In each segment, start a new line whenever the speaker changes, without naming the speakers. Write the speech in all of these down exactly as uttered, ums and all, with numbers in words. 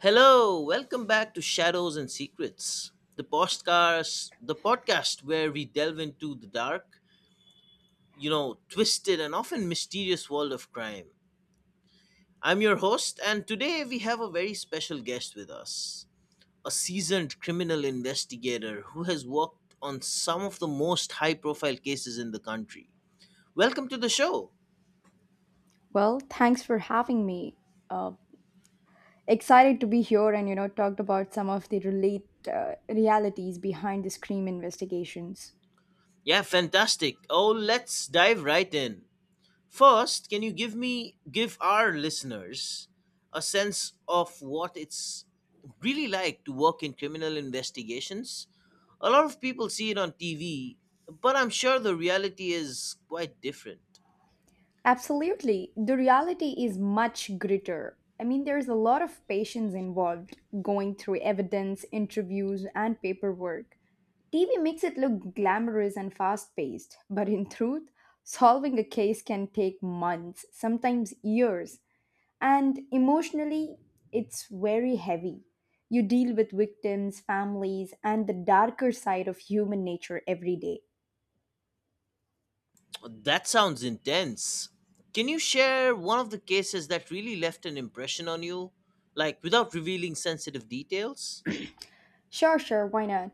Hello, welcome back to Shadows and Secrets, the podcast, the podcast where we delve into the dark, you know, twisted and often mysterious world of crime. I'm your host, and today we have a very special guest with us, a seasoned criminal investigator who has worked on some of the most high-profile cases in the country. Welcome to the show.
Well, thanks for having me. Uh, Excited to be here and you know talked about some of the relate uh, realities behind the scream investigations.
Yeah, fantastic. Oh, let's dive right in. First, can you give me give our listeners a sense of what it's really like to work in criminal investigations? A lot of people see it on T V, but I'm sure the reality is quite different.
Absolutely, the reality is much greater. I mean, there's a lot of patience involved, going through evidence, interviews, and paperwork. T V makes it look glamorous and fast-paced, but in truth, solving a case can take months, sometimes years. And emotionally, it's very heavy. You deal with victims, families, and the darker side of human nature every day.
That sounds intense. Can you share one of the cases that really left an impression on you, like without revealing sensitive details?
Sure, sure, why not?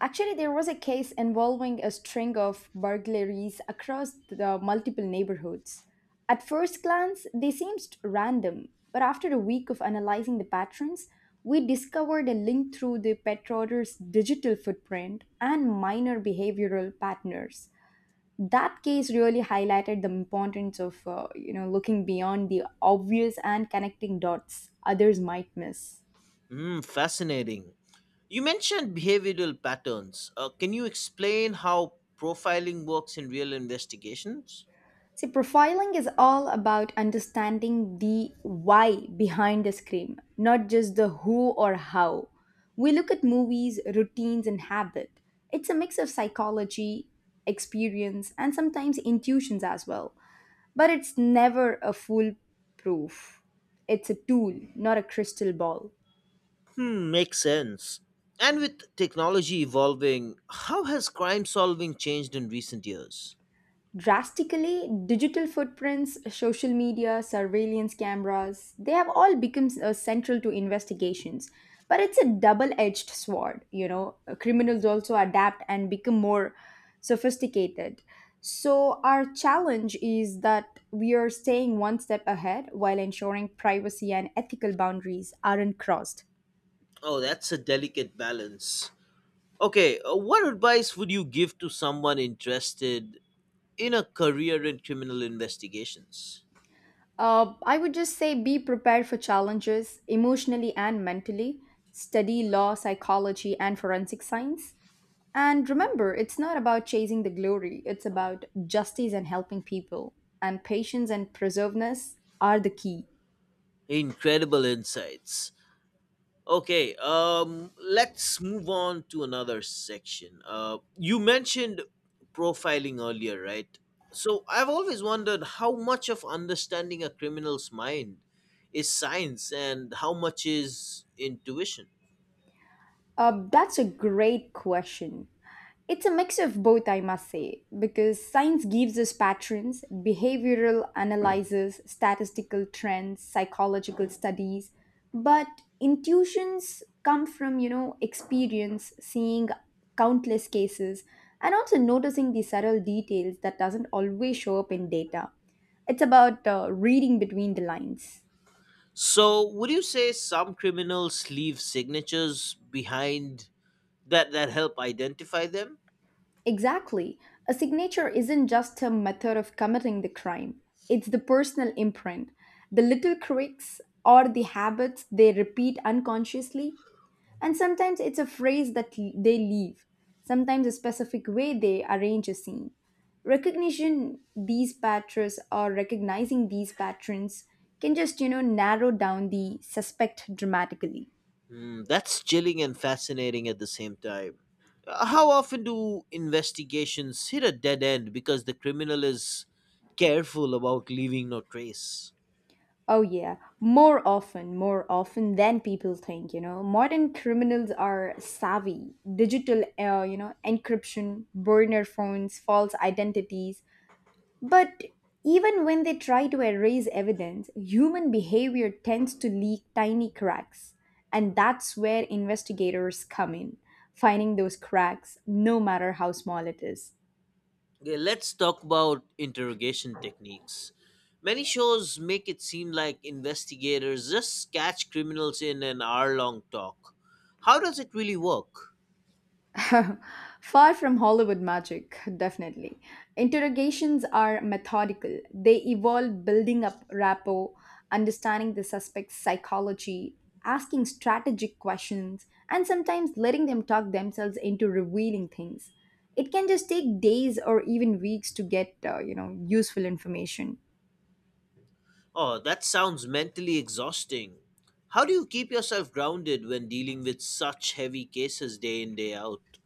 Actually, there was a case involving a string of burglaries across the multiple neighborhoods. At first glance, they seemed random, but after a week of analyzing the patterns, we discovered a link through the pet owner's digital footprint and minor behavioral patterns. That case really highlighted the importance of uh, you know looking beyond the obvious and connecting dots others might miss.
Hmm, fascinating. You mentioned behavioral patterns. Uh, can you explain how profiling works in real investigations?
See, profiling is all about understanding the why behind the scream, not just the who or how. We look at movies, routines, and habit. It's a mix of psychology, experience, and sometimes intuitions as well. But it's never a foolproof. It's a tool, not a crystal ball.
Hmm, makes sense. And with technology evolving, how has crime solving changed in recent years?
Drastically, digital footprints, social media, surveillance cameras, they have all become uh, central to investigations. But it's a double-edged sword, you know. Uh, criminals also adapt and become more sophisticated. So our challenge is that we are staying one step ahead while ensuring privacy and ethical boundaries aren't crossed.
Oh, that's a delicate balance. Okay, uh, what advice would you give to someone interested in a career in criminal investigations?
Uh, I would just say be prepared for challenges emotionally and mentally. Study law, psychology, and forensic science. And remember, it's not about chasing the glory, it's about justice and helping people. And patience and preservedness are the key.
Incredible insights. Okay, um, let's move on to another section. Uh, you mentioned profiling earlier, right? So I've always wondered how much of understanding a criminal's mind is science and how much is intuition.
Uh, that's a great question. It's a mix of both, I must say, because science gives us patterns, behavioral analysis, statistical trends, psychological studies, but intuitions come from, you know, experience, seeing countless cases, and also noticing the subtle details that doesn't always show up in data. It's about uh, reading between the lines.
So would you say some criminals leave signatures behind that that help identify them?
Exactly. A signature isn't just a method of committing the crime, it's the personal imprint, the little quirks or the habits they repeat unconsciously. And sometimes it's a phrase that l- they leave, sometimes a specific way they arrange a scene. Recognition these patterns or recognizing these patterns can just, you know, narrow down the suspect dramatically.
Mm, that's chilling and fascinating at the same time. Uh, How often do investigations hit a dead end because the criminal is careful about leaving no trace?
Oh, yeah. More often, more often than people think, you know. Modern criminals are savvy. Digital, uh, you know, encryption, burner phones, false identities. But even when they try to erase evidence, human behavior tends to leak tiny cracks. And that's where investigators come in, finding those cracks, no matter how small it is.
Okay, let's talk about interrogation techniques. Many shows make it seem like investigators just catch criminals in an hour long talk. How does it really work?
Far from Hollywood magic, definitely. Interrogations are methodical. They evolve building up rapport, understanding the suspect's psychology, asking strategic questions, and sometimes letting them talk themselves into revealing things. It can just take days or even weeks to get, uh, you know, useful information.
Oh, that sounds mentally exhausting. How do you keep yourself grounded when dealing with such heavy cases day in, day out?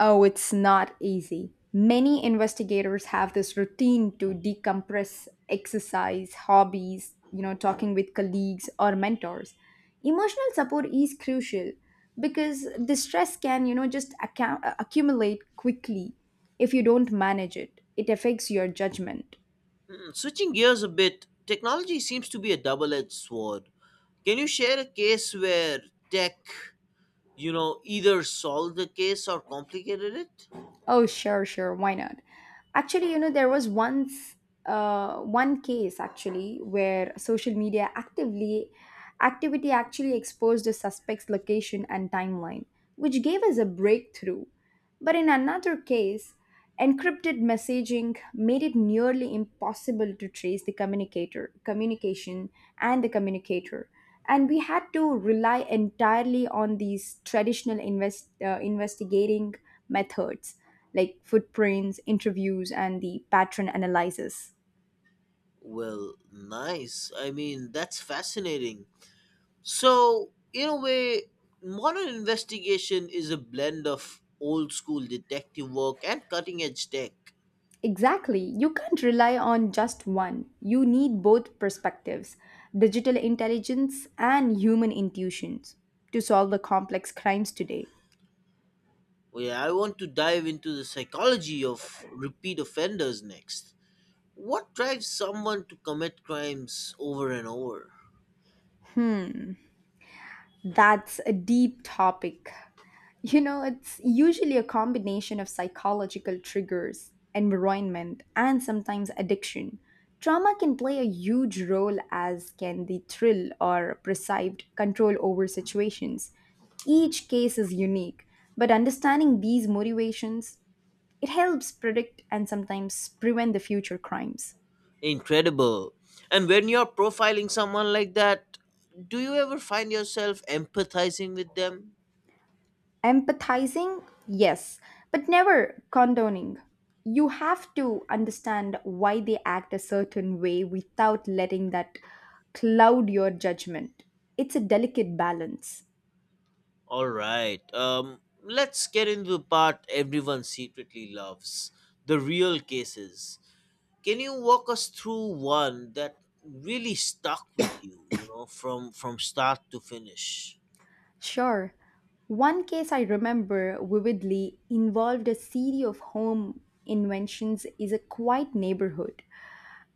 Oh, it's not easy. Many investigators have this routine to decompress, exercise, hobbies, you know, talking with colleagues or mentors. Emotional support is crucial because the stress can, you know, just account- accumulate quickly if you don't manage it. It affects your judgment.
Switching gears a bit, technology seems to be a double edged sword. Can you share a case where tech, you know, either solved the case or complicated it?
Oh, sure, sure. Why not? Actually, you know, there was once uh, one case actually where social media actively activity actually exposed the suspect's location and timeline, which gave us a breakthrough. But in another case, encrypted messaging made it nearly impossible to trace the communicator, communication, and the communicator. And we had to rely entirely on these traditional invest, uh, investigating methods like footprints, interviews, and the pattern analysis.
Well, nice. I mean, that's fascinating. So, in a way, modern investigation is a blend of old school detective work and cutting edge tech.
Exactly. You can't rely on just one. You need both perspectives, digital intelligence and human intuitions, to solve the complex crimes today.
Well, I want to dive into the psychology of repeat offenders next. What drives someone to commit crimes over and over?
That's a deep topic. You know, it's usually a combination of psychological triggers, environment, and sometimes addiction. Trauma can play a huge role, as can the thrill or perceived control over situations. Each case is unique, but understanding these motivations, it helps predict and sometimes prevent the future crimes.
Incredible. And when you're profiling someone like that, do you ever find yourself empathizing with them?
Empathizing, yes, but never condoning. You have to understand why they act a certain way without letting that cloud your judgment. It's a delicate balance.
All right. Um, let's get into the part everyone secretly loves the real cases. Can you walk us through one that really stuck with you, you know, from from start to finish?
Sure, one case I remember vividly involved a series of home inventions in a quiet neighborhood.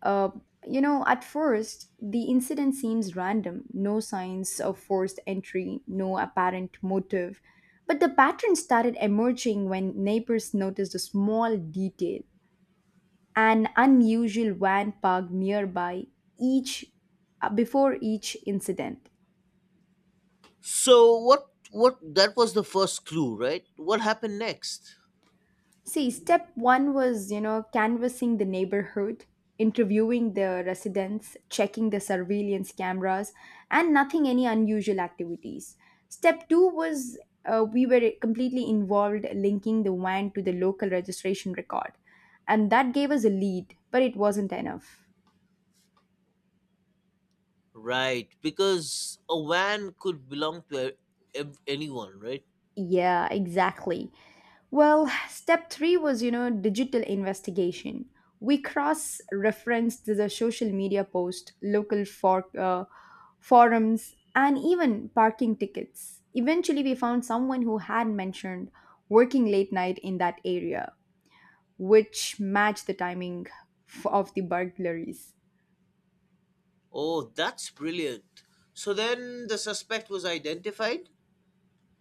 Uh, you know, at first, the incident seems random, no signs of forced entry, no apparent motive. But the pattern started emerging when neighbors noticed a small detail, an unusual van parked nearby each uh, before each incident.
So what what that was the first clue, right? What happened next?
See, step one was, you know, canvassing the neighborhood, interviewing the residents, checking the surveillance cameras, and nothing any unusual activities. Step two was, uh, we were completely involved linking the van to the local registration record, and that gave us a lead, but it wasn't enough.
Right, because a van could belong to a- ev- anyone, right?
Yeah, exactly. Well, step three was, you know, digital investigation. We cross referenced the social media post, local for, uh, forums, and even parking tickets. Eventually, we found someone who had mentioned working late night in that area, which matched the timing f- of the burglaries.
Oh, that's brilliant. So then the suspect was identified?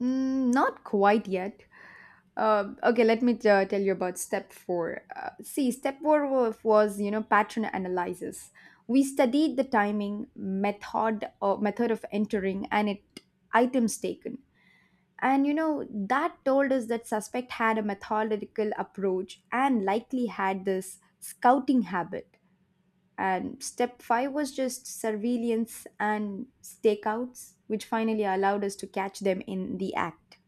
Mm, not quite yet. Uh, okay, let me uh, tell you about step four. Uh, see, step four wa- was you know pattern analysis. We studied the timing method or method of entering and it items taken, and you know that told us that suspect had a methodical approach and likely had this scouting habit. And step five was just surveillance and stakeouts, which finally allowed us to catch them in the act.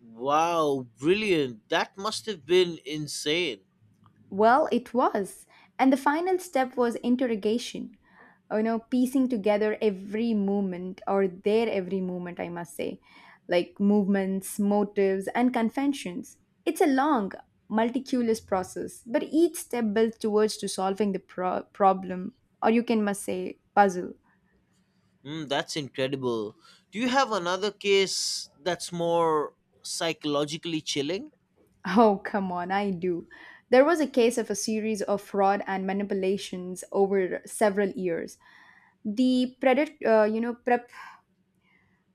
Wow, brilliant. That must have been insane.
Well, it was. And the final step was interrogation. You know, piecing together every movement or their every movement, I must say, like movements, motives, and conventions. It's a long, multiculous process, but each step builds towards to solving the pro- problem, or you can must say puzzle.
Mm, that's incredible. Do you have another case that's more psychologically chilling?
Oh, come on, I do. There was a case of a series of fraud and manipulations over several years. The predat- uh, you know, pre-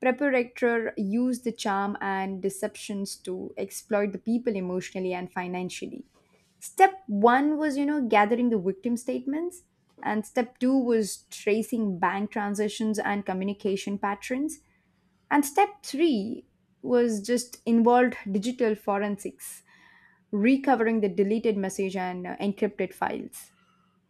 Preparator use the charm and deceptions to exploit the people emotionally and financially. Step one was, you know, gathering the victim statements, and step two was tracing bank transactions and communication patterns, and step three was just involved digital forensics, recovering the deleted message and uh, encrypted files.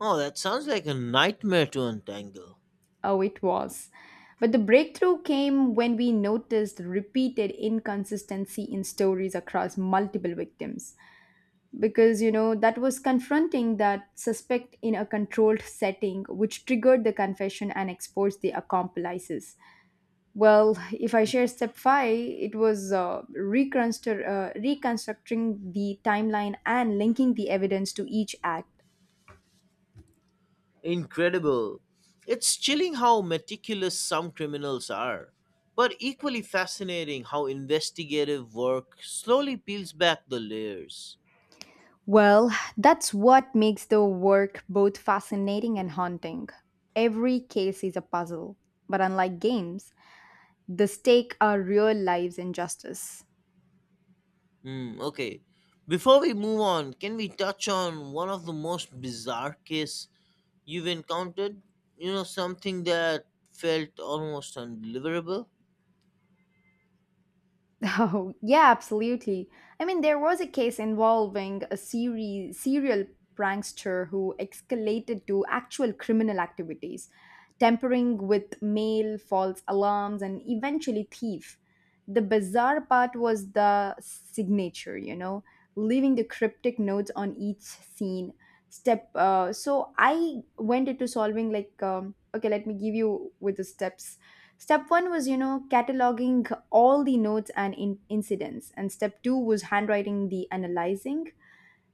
Oh, that sounds like a nightmare to untangle.
Oh, it was. But the breakthrough came when we noticed repeated inconsistency in stories across multiple victims. Because, you know, that was confronting that suspect in a controlled setting, which triggered the confession and exposed the accomplices. Well, if I share step five, it was uh, reconstru- uh, reconstructing the timeline and linking the evidence to each act.
Incredible. It's chilling how meticulous some criminals are, but equally fascinating how investigative work slowly peels back the layers.
Well, that's what makes the work both fascinating and haunting. Every case is a puzzle, but unlike games, the stakes are real lives and justice.
Hmm, okay. Before we move on, can we touch on one of the most bizarre case you've encountered? You know, something that felt almost undeliverable?
Oh, yeah, absolutely. I mean, there was a case involving a seri- serial prankster who escalated to actual criminal activities, tampering with mail, false alarms, and eventually thief. The bizarre part was the signature, you know, leaving the cryptic notes on each scene step. Uh, so I went into solving like, um, okay, let me give you with the steps. Step one was, you know, cataloging all the notes and in- incidents, and step two was handwriting the analyzing.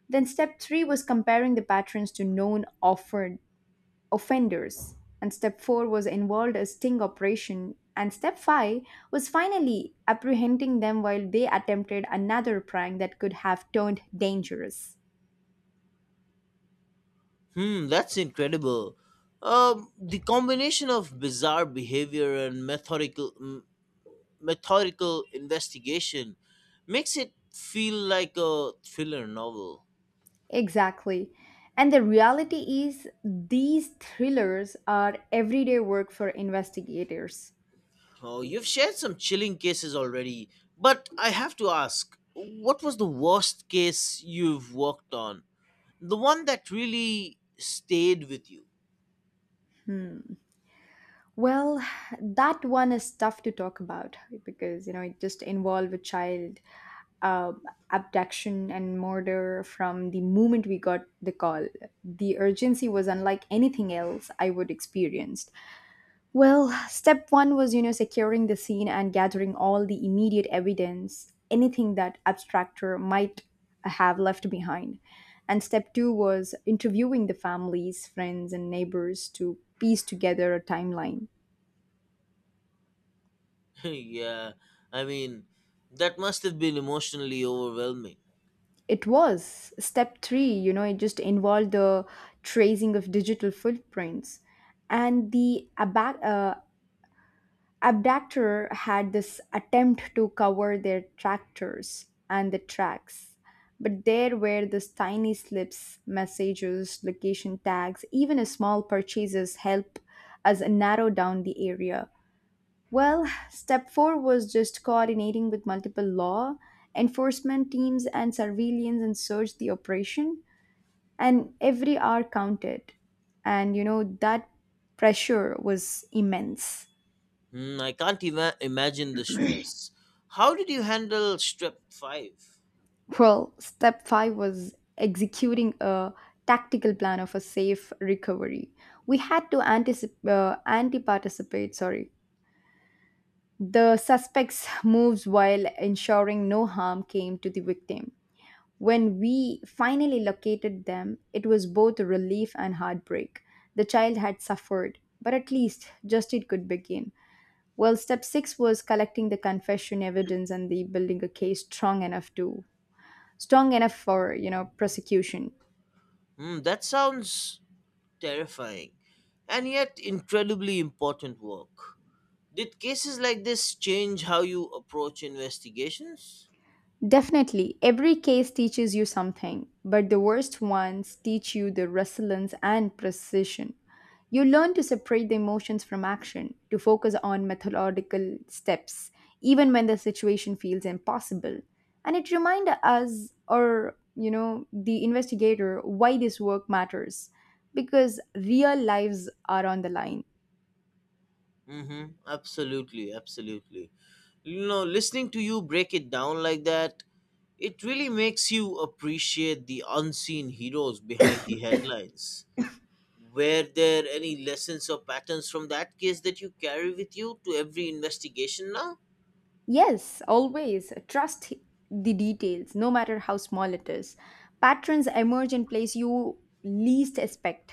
Then step three was comparing the patterns to known offered offenders, and step four was involved a sting operation, and step five was finally apprehending them while they attempted another prank that could have turned dangerous.
Hmm, that's incredible. Um, the combination of bizarre behavior and methodical m- methodical investigation makes it feel like a thriller novel.
Exactly. And the reality is, these thrillers are everyday work for investigators.
Oh, you've shared some chilling cases already, but I have to ask what was the worst case you've worked on? The one that really stayed with you?
Hmm. Well, that one is tough to talk about because you know it just involved a child uh, abduction and murder from the moment we got the call. The urgency was unlike anything else I would experienced. Well, step one was you know securing the scene and gathering all the immediate evidence, anything that abstractor might have left behind. And step two was interviewing the families, friends, and neighbors to piece together a timeline.
Yeah, I mean, that must have been emotionally overwhelming.
It was step three, you know, it just involved the tracing of digital footprints. And the aba- uh, abductor had this attempt to cover their tractors and the tracks. But there were these tiny slips, messages, location tags, even a small purchases help us narrow down the area. Well, step four was just coordinating with multiple law enforcement teams and surveillance and search the operation, and every hour counted. And you know, that pressure was immense.
Hmm, I can't even imagine the stress. How did you handle Strep five?
Well, step five was executing a tactical plan of a safe recovery. We had to anticipate, uh, anti-participate, sorry, the suspect's moves while ensuring no harm came to the victim. When we finally located them, it was both a relief and heartbreak. The child had suffered, but at least justice could begin. Well, step six was collecting the confession evidence and the building a case strong enough to strong enough for you know prosecution.
Hmm, that sounds terrifying and yet incredibly important work. Did cases like this change how you approach investigations?
Definitely, every case teaches you something, but the worst ones teach you the resilience and precision. You learn to separate the emotions from action, to focus on methodological steps, even when the situation feels impossible. And it reminds us, or you know, the investigator, why this work matters, because real lives are on the line.
Mm-hmm. Absolutely, absolutely. You know, listening to you break it down like that, it really makes you appreciate the unseen heroes behind the headlines. Were there any lessons or patterns from that case that you carry with you to every investigation now?
Yes, always. Trust the details, no matter how small it is. Patterns emerge in place you least expect.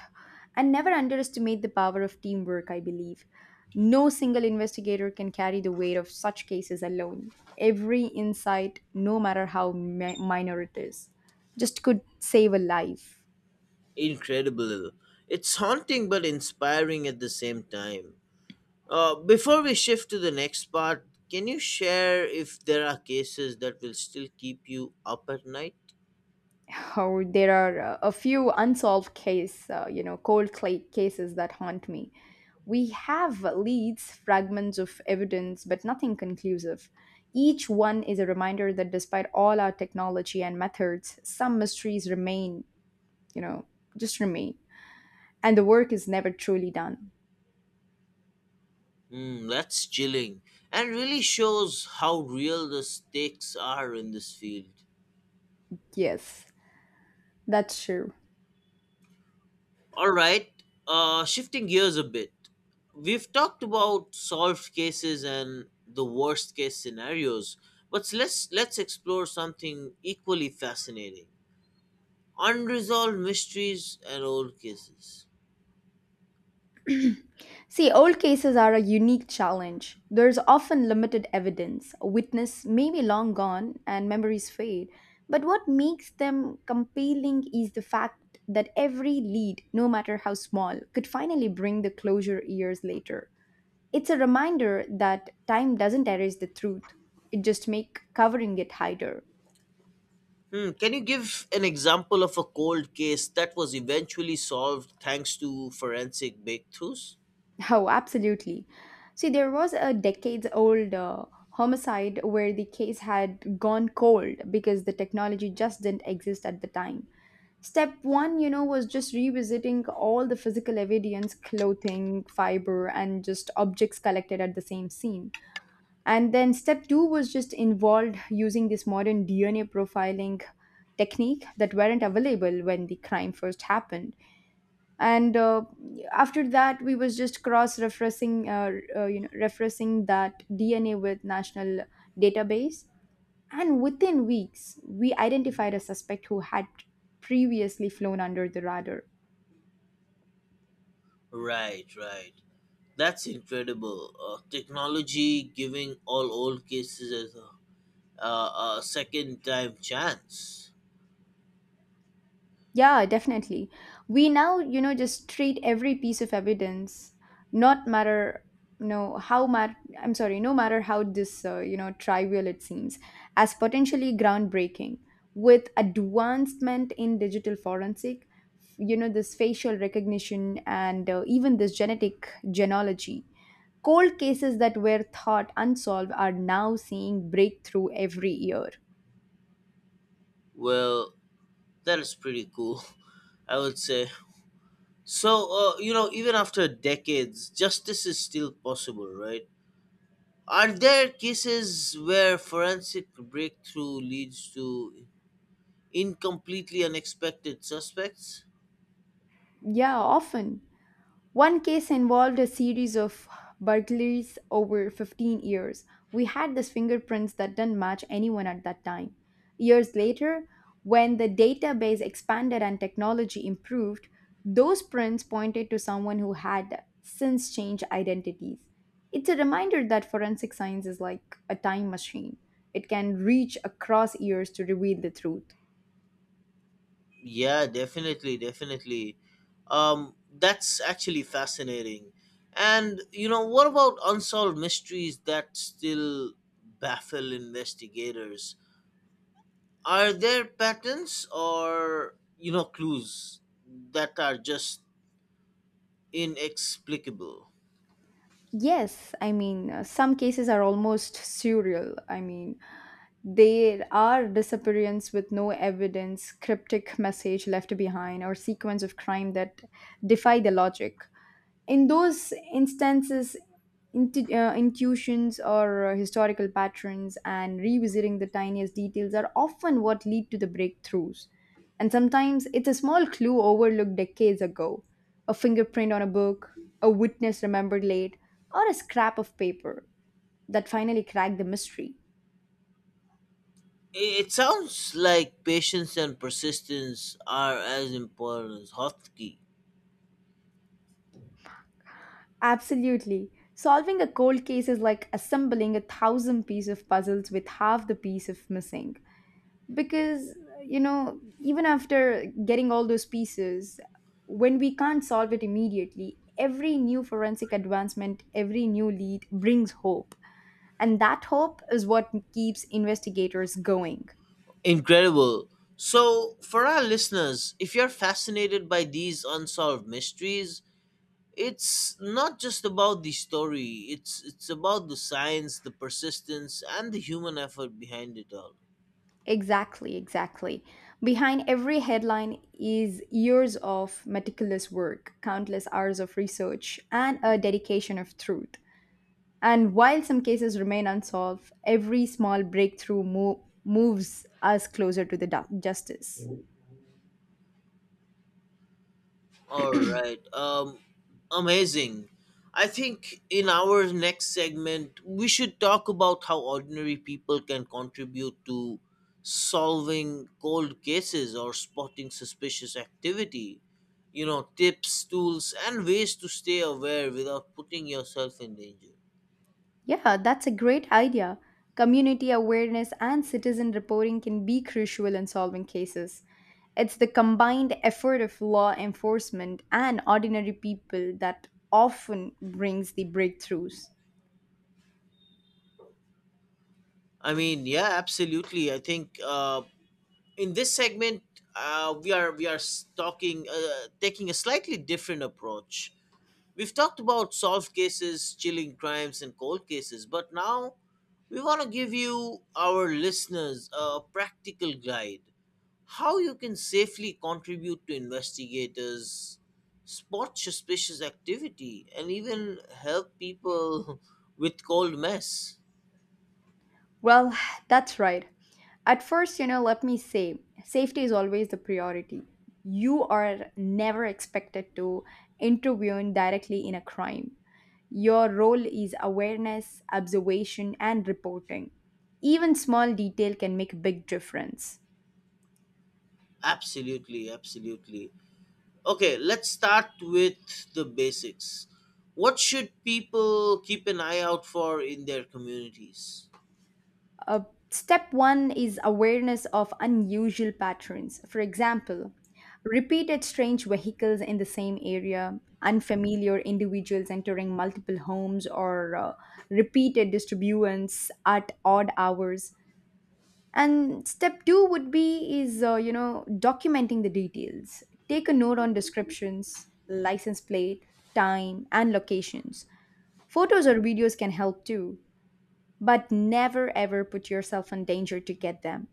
And never underestimate the power of teamwork, I believe. No single investigator can carry the weight of such cases alone. Every insight, no matter how mi- minor it is, just could save a life.
Incredible. It's haunting but inspiring at the same time. Uh, before we shift to the next part, can you share if there are cases that will still keep you up at night?
Or there are uh, a few unsolved case, uh, you know, cold cla- cases that haunt me. We have leads, fragments of evidence, but nothing conclusive. Each one is a reminder that despite all our technology and methods, some mysteries remain, you know, just remain. And the work is never truly done.
Hmm, that's chilling and really shows how real the stakes are in this field.
Yes, that's true.
Alright, uh, shifting gears a bit. We've talked about solved cases and the worst case scenarios, but let's let's explore something equally fascinating. Unresolved mysteries and old cases.
See, old cases are a unique challenge. There's often limited evidence. A witness may be long gone and memories fade. But what makes them compelling is the fact that every lead, no matter how small, could finally bring the closure years later. It's a reminder that time doesn't erase the truth, it just makes covering it harder.
Hmm, can you give an example of a cold case that was eventually solved thanks to forensic breakthroughs?
Oh, absolutely. See, there was a decades old uh, homicide where the case had gone cold because the technology just didn't exist at the time. Step one, you know, was just revisiting all the physical evidence, clothing, fiber, and just objects collected at the same scene. And then step two was just involved using this modern D N A profiling technique that weren't available when the crime first happened and uh, after that we was just cross referencing uh, uh, you know referencing that dna with national database, and within weeks we identified a suspect who had previously flown under the radar.
Right, right. That's incredible. Uh, technology giving all old cases a, a, a second time chance.
Yeah, definitely. We now, you know, just treat every piece of evidence, not matter, no, how mat. I'm sorry, no matter how this, uh, you know, trivial it seems, as potentially groundbreaking. With advancement in digital forensic, you know, this facial recognition and uh, even this genetic genealogy, cold cases that were thought unsolved are now seeing breakthrough every year.
Well, that is pretty cool, I would say. So, uh, you know, even after decades, justice is still possible, right? Are there cases where forensic breakthrough leads to in completely unexpected suspects?
Yeah, often. One case involved a series of burglaries over fifteen years. We had these fingerprints that didn't match anyone at that time. Years later, when the database expanded and technology improved, those prints pointed to someone who had since changed identities. It's a reminder that forensic science is like a time machine. It can reach across years to reveal the truth.
Yeah, definitely, definitely. Um that's actually fascinating. And you know what about unsolved mysteries that still baffle investigators? Are there patterns or, you know, clues that are just inexplicable?
Yes, I mean, uh, some cases are almost surreal. I mean, there are disappearance with no evidence, cryptic message left behind, or sequence of crime that defy the logic. In those instances, intu- uh, intuitions or uh, historical patterns and revisiting the tiniest details are often what lead to the breakthroughs. And sometimes it's a small clue overlooked decades ago, a fingerprint on a book, a witness remembered late, or a scrap of paper that finally cracked the mystery.
I- it sounds like patience and persistence are as important as hotkey.
Absolutely. Solving a cold case is like assembling a thousand piece of puzzles with half the piece of missing. Because, you know, even after getting all those pieces, when we can't solve it immediately, every new forensic advancement, every new lead brings hope. And that hope is what keeps investigators going.
Incredible. So, for our listeners, if you're fascinated by these unsolved mysteries, it's not just about the story. It's it's about the science, the persistence, and the human effort behind it all.
Exactly, exactly. Behind every headline is years of meticulous work, countless hours of research, and a dedication of truth. And while some cases remain unsolved, every small breakthrough mo- moves us closer to the du- justice.
All right. Um, amazing. I think in our next segment, we should talk about how ordinary people can contribute to solving cold cases or spotting suspicious activity. You know, tips, tools, and ways to stay aware without putting yourself in danger.
Yeah, that's a great idea. Community awareness and citizen reporting can be crucial in solving cases. It's the combined effort of law enforcement and ordinary people that often brings the breakthroughs.
I mean, yeah, absolutely. I think uh, in this segment, uh, we are we are s- talking uh, taking a slightly different approach. We've talked about solved cases, chilling crimes, and cold cases, but now we want to give you, our listeners, a practical guide how you can safely contribute to investigators, spot suspicious activity, and even help people with cold mess.
Well, that's right. At first, you know, let me say safety is always the priority. You are never expected to intervene directly in a crime. Your role is awareness, observation, and reporting. Even small detail can make a big difference.
Absolutely, absolutely. Okay, let's start with the basics. What should people keep an eye out for in their communities?
Uh, Step one is awareness of unusual patterns. For example, repeated strange vehicles in the same area, unfamiliar individuals entering multiple homes, or uh, repeated disturbance at odd hours. And step two would be is uh, you know documenting the details. Take a note on descriptions, license plate, time and locations. Photos or videos can help too, but never ever put yourself in danger to get them.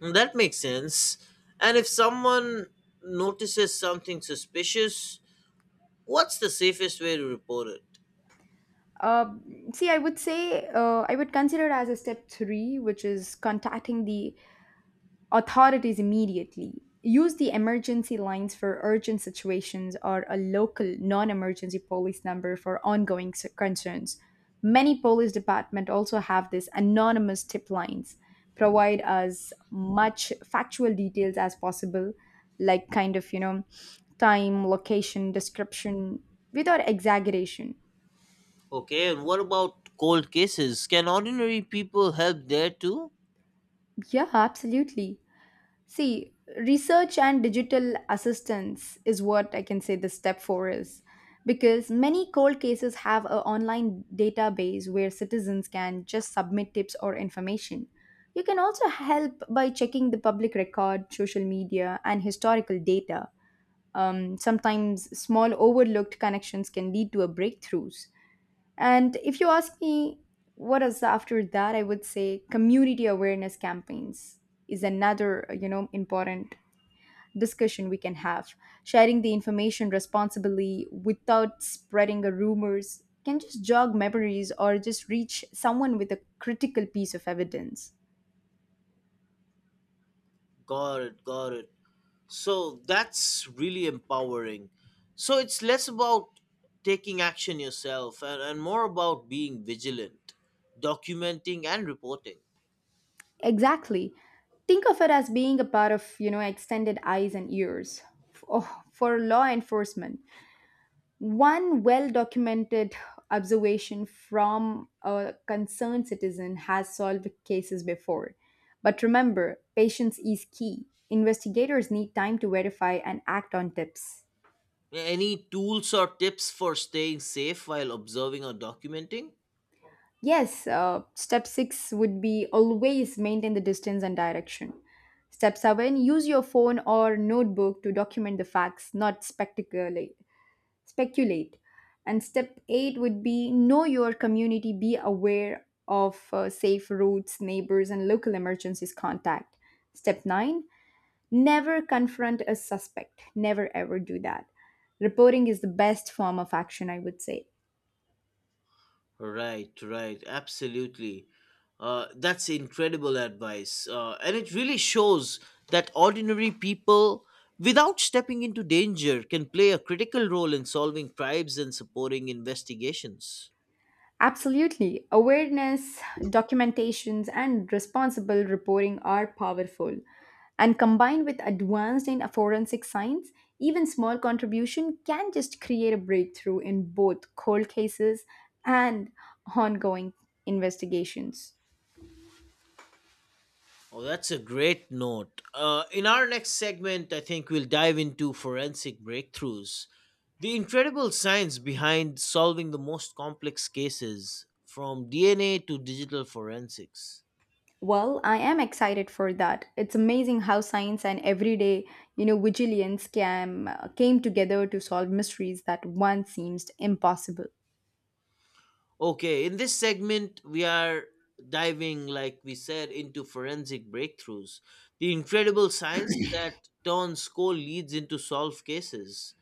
That makes sense. And if someone notices something suspicious, what's the safest way to report it?
Uh, see i would say, uh, I would consider as a step three, which is contacting the authorities immediately. Use the emergency lines for urgent situations or a local non emergency police number for ongoing s- concerns. Many police departments also have these anonymous tip lines. Provide as much factual details as possible, like kind of, you know, time, location, description, without exaggeration.
Okay, and what about cold cases? Can ordinary people help there too?
Yeah, absolutely. See, research and digital assistance is what I can say the step four is. Because many cold cases have an online database where citizens can just submit tips or information. You can also help by checking the public record, social media, and historical data. Um, sometimes small overlooked connections can lead to a breakthroughs. And if you ask me what is after that, I would say community awareness campaigns is another you know important discussion we can have. Sharing the information responsibly without spreading a rumors can just jog memories or just reach someone with a critical piece of evidence.
Got it, got it. So that's really empowering. So it's less about taking action yourself and, and more about being vigilant, documenting, and reporting.
Exactly. Think of it as being a part of, you know, extended eyes and ears f- oh, for law enforcement. One well documented observation from a concerned citizen has solved cases before. But remember, patience is key. Investigators need time to verify and act on tips.
Any tools or tips for staying safe while observing or documenting?
Yes, uh, step six would be always maintain the distance and direction. Step seven, use your phone or notebook to document the facts, not spectacularly. Speculate. And step eight would be know your community, be aware of uh, safe routes, neighbors, and local emergencies contact. Step nine, never confront a suspect. Never ever do that. Reporting is the best form of action, I would say.
Right, right, absolutely. Uh, that's incredible advice. Uh, and it really shows that ordinary people, without stepping into danger, can play a critical role in solving crimes and supporting investigations.
Absolutely. Awareness, documentations, and responsible reporting are powerful. And combined with advanced in forensic science, even small contribution can just create a breakthrough in both cold cases and ongoing investigations.
Oh, that's a great note. Uh, in our next segment, I think we'll dive into forensic breakthroughs, the incredible science behind solving the most complex cases, from D N A to digital forensics.
Well, I am excited for that. It's amazing how science and everyday, you know, vigilance can, came together to solve mysteries that once seemed impossible.
Okay, in this segment, we are diving, like we said, into forensic breakthroughs, the incredible science that turns cold leads into solved cases.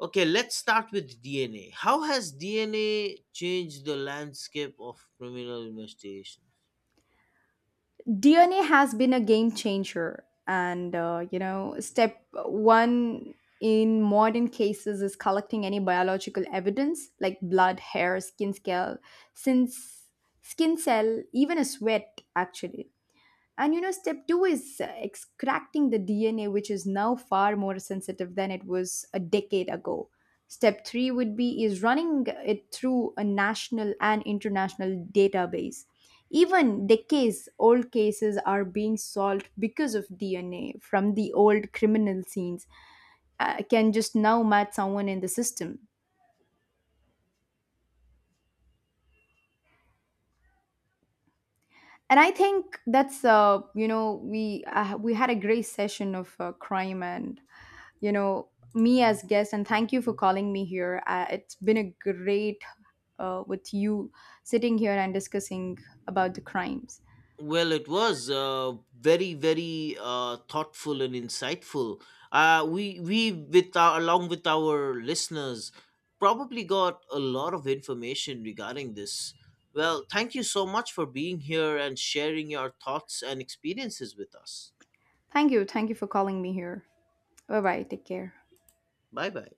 Okay, let's start with D N A. How has D N A changed the landscape of criminal investigations?
D N A has been a game changer, and uh, you know, step one in modern cases is collecting any biological evidence like blood, hair, skin scale, since skin cell, even a sweat actually. And you know, step two is uh, extracting the D N A, which is now far more sensitive than it was a decade ago. Step three would be is running it through a national and international database. Even decades old cases are being solved because of D N A from the old criminal scenes uh, can just now match someone in the system. And I think that's uh, you know we uh, we had a great session of uh, crime, and you know, me as guest, and thank you for calling me here. Uh, it's been a great, uh, with you sitting here and discussing about the crimes.
Well, it was uh, very, very uh, thoughtful and insightful. Uh, we we with our, along with our listeners probably got a lot of information regarding this. Well, thank you so much for being here and sharing your thoughts and experiences with us.
Thank you, thank you for calling me here. Bye bye, take care.
Bye bye.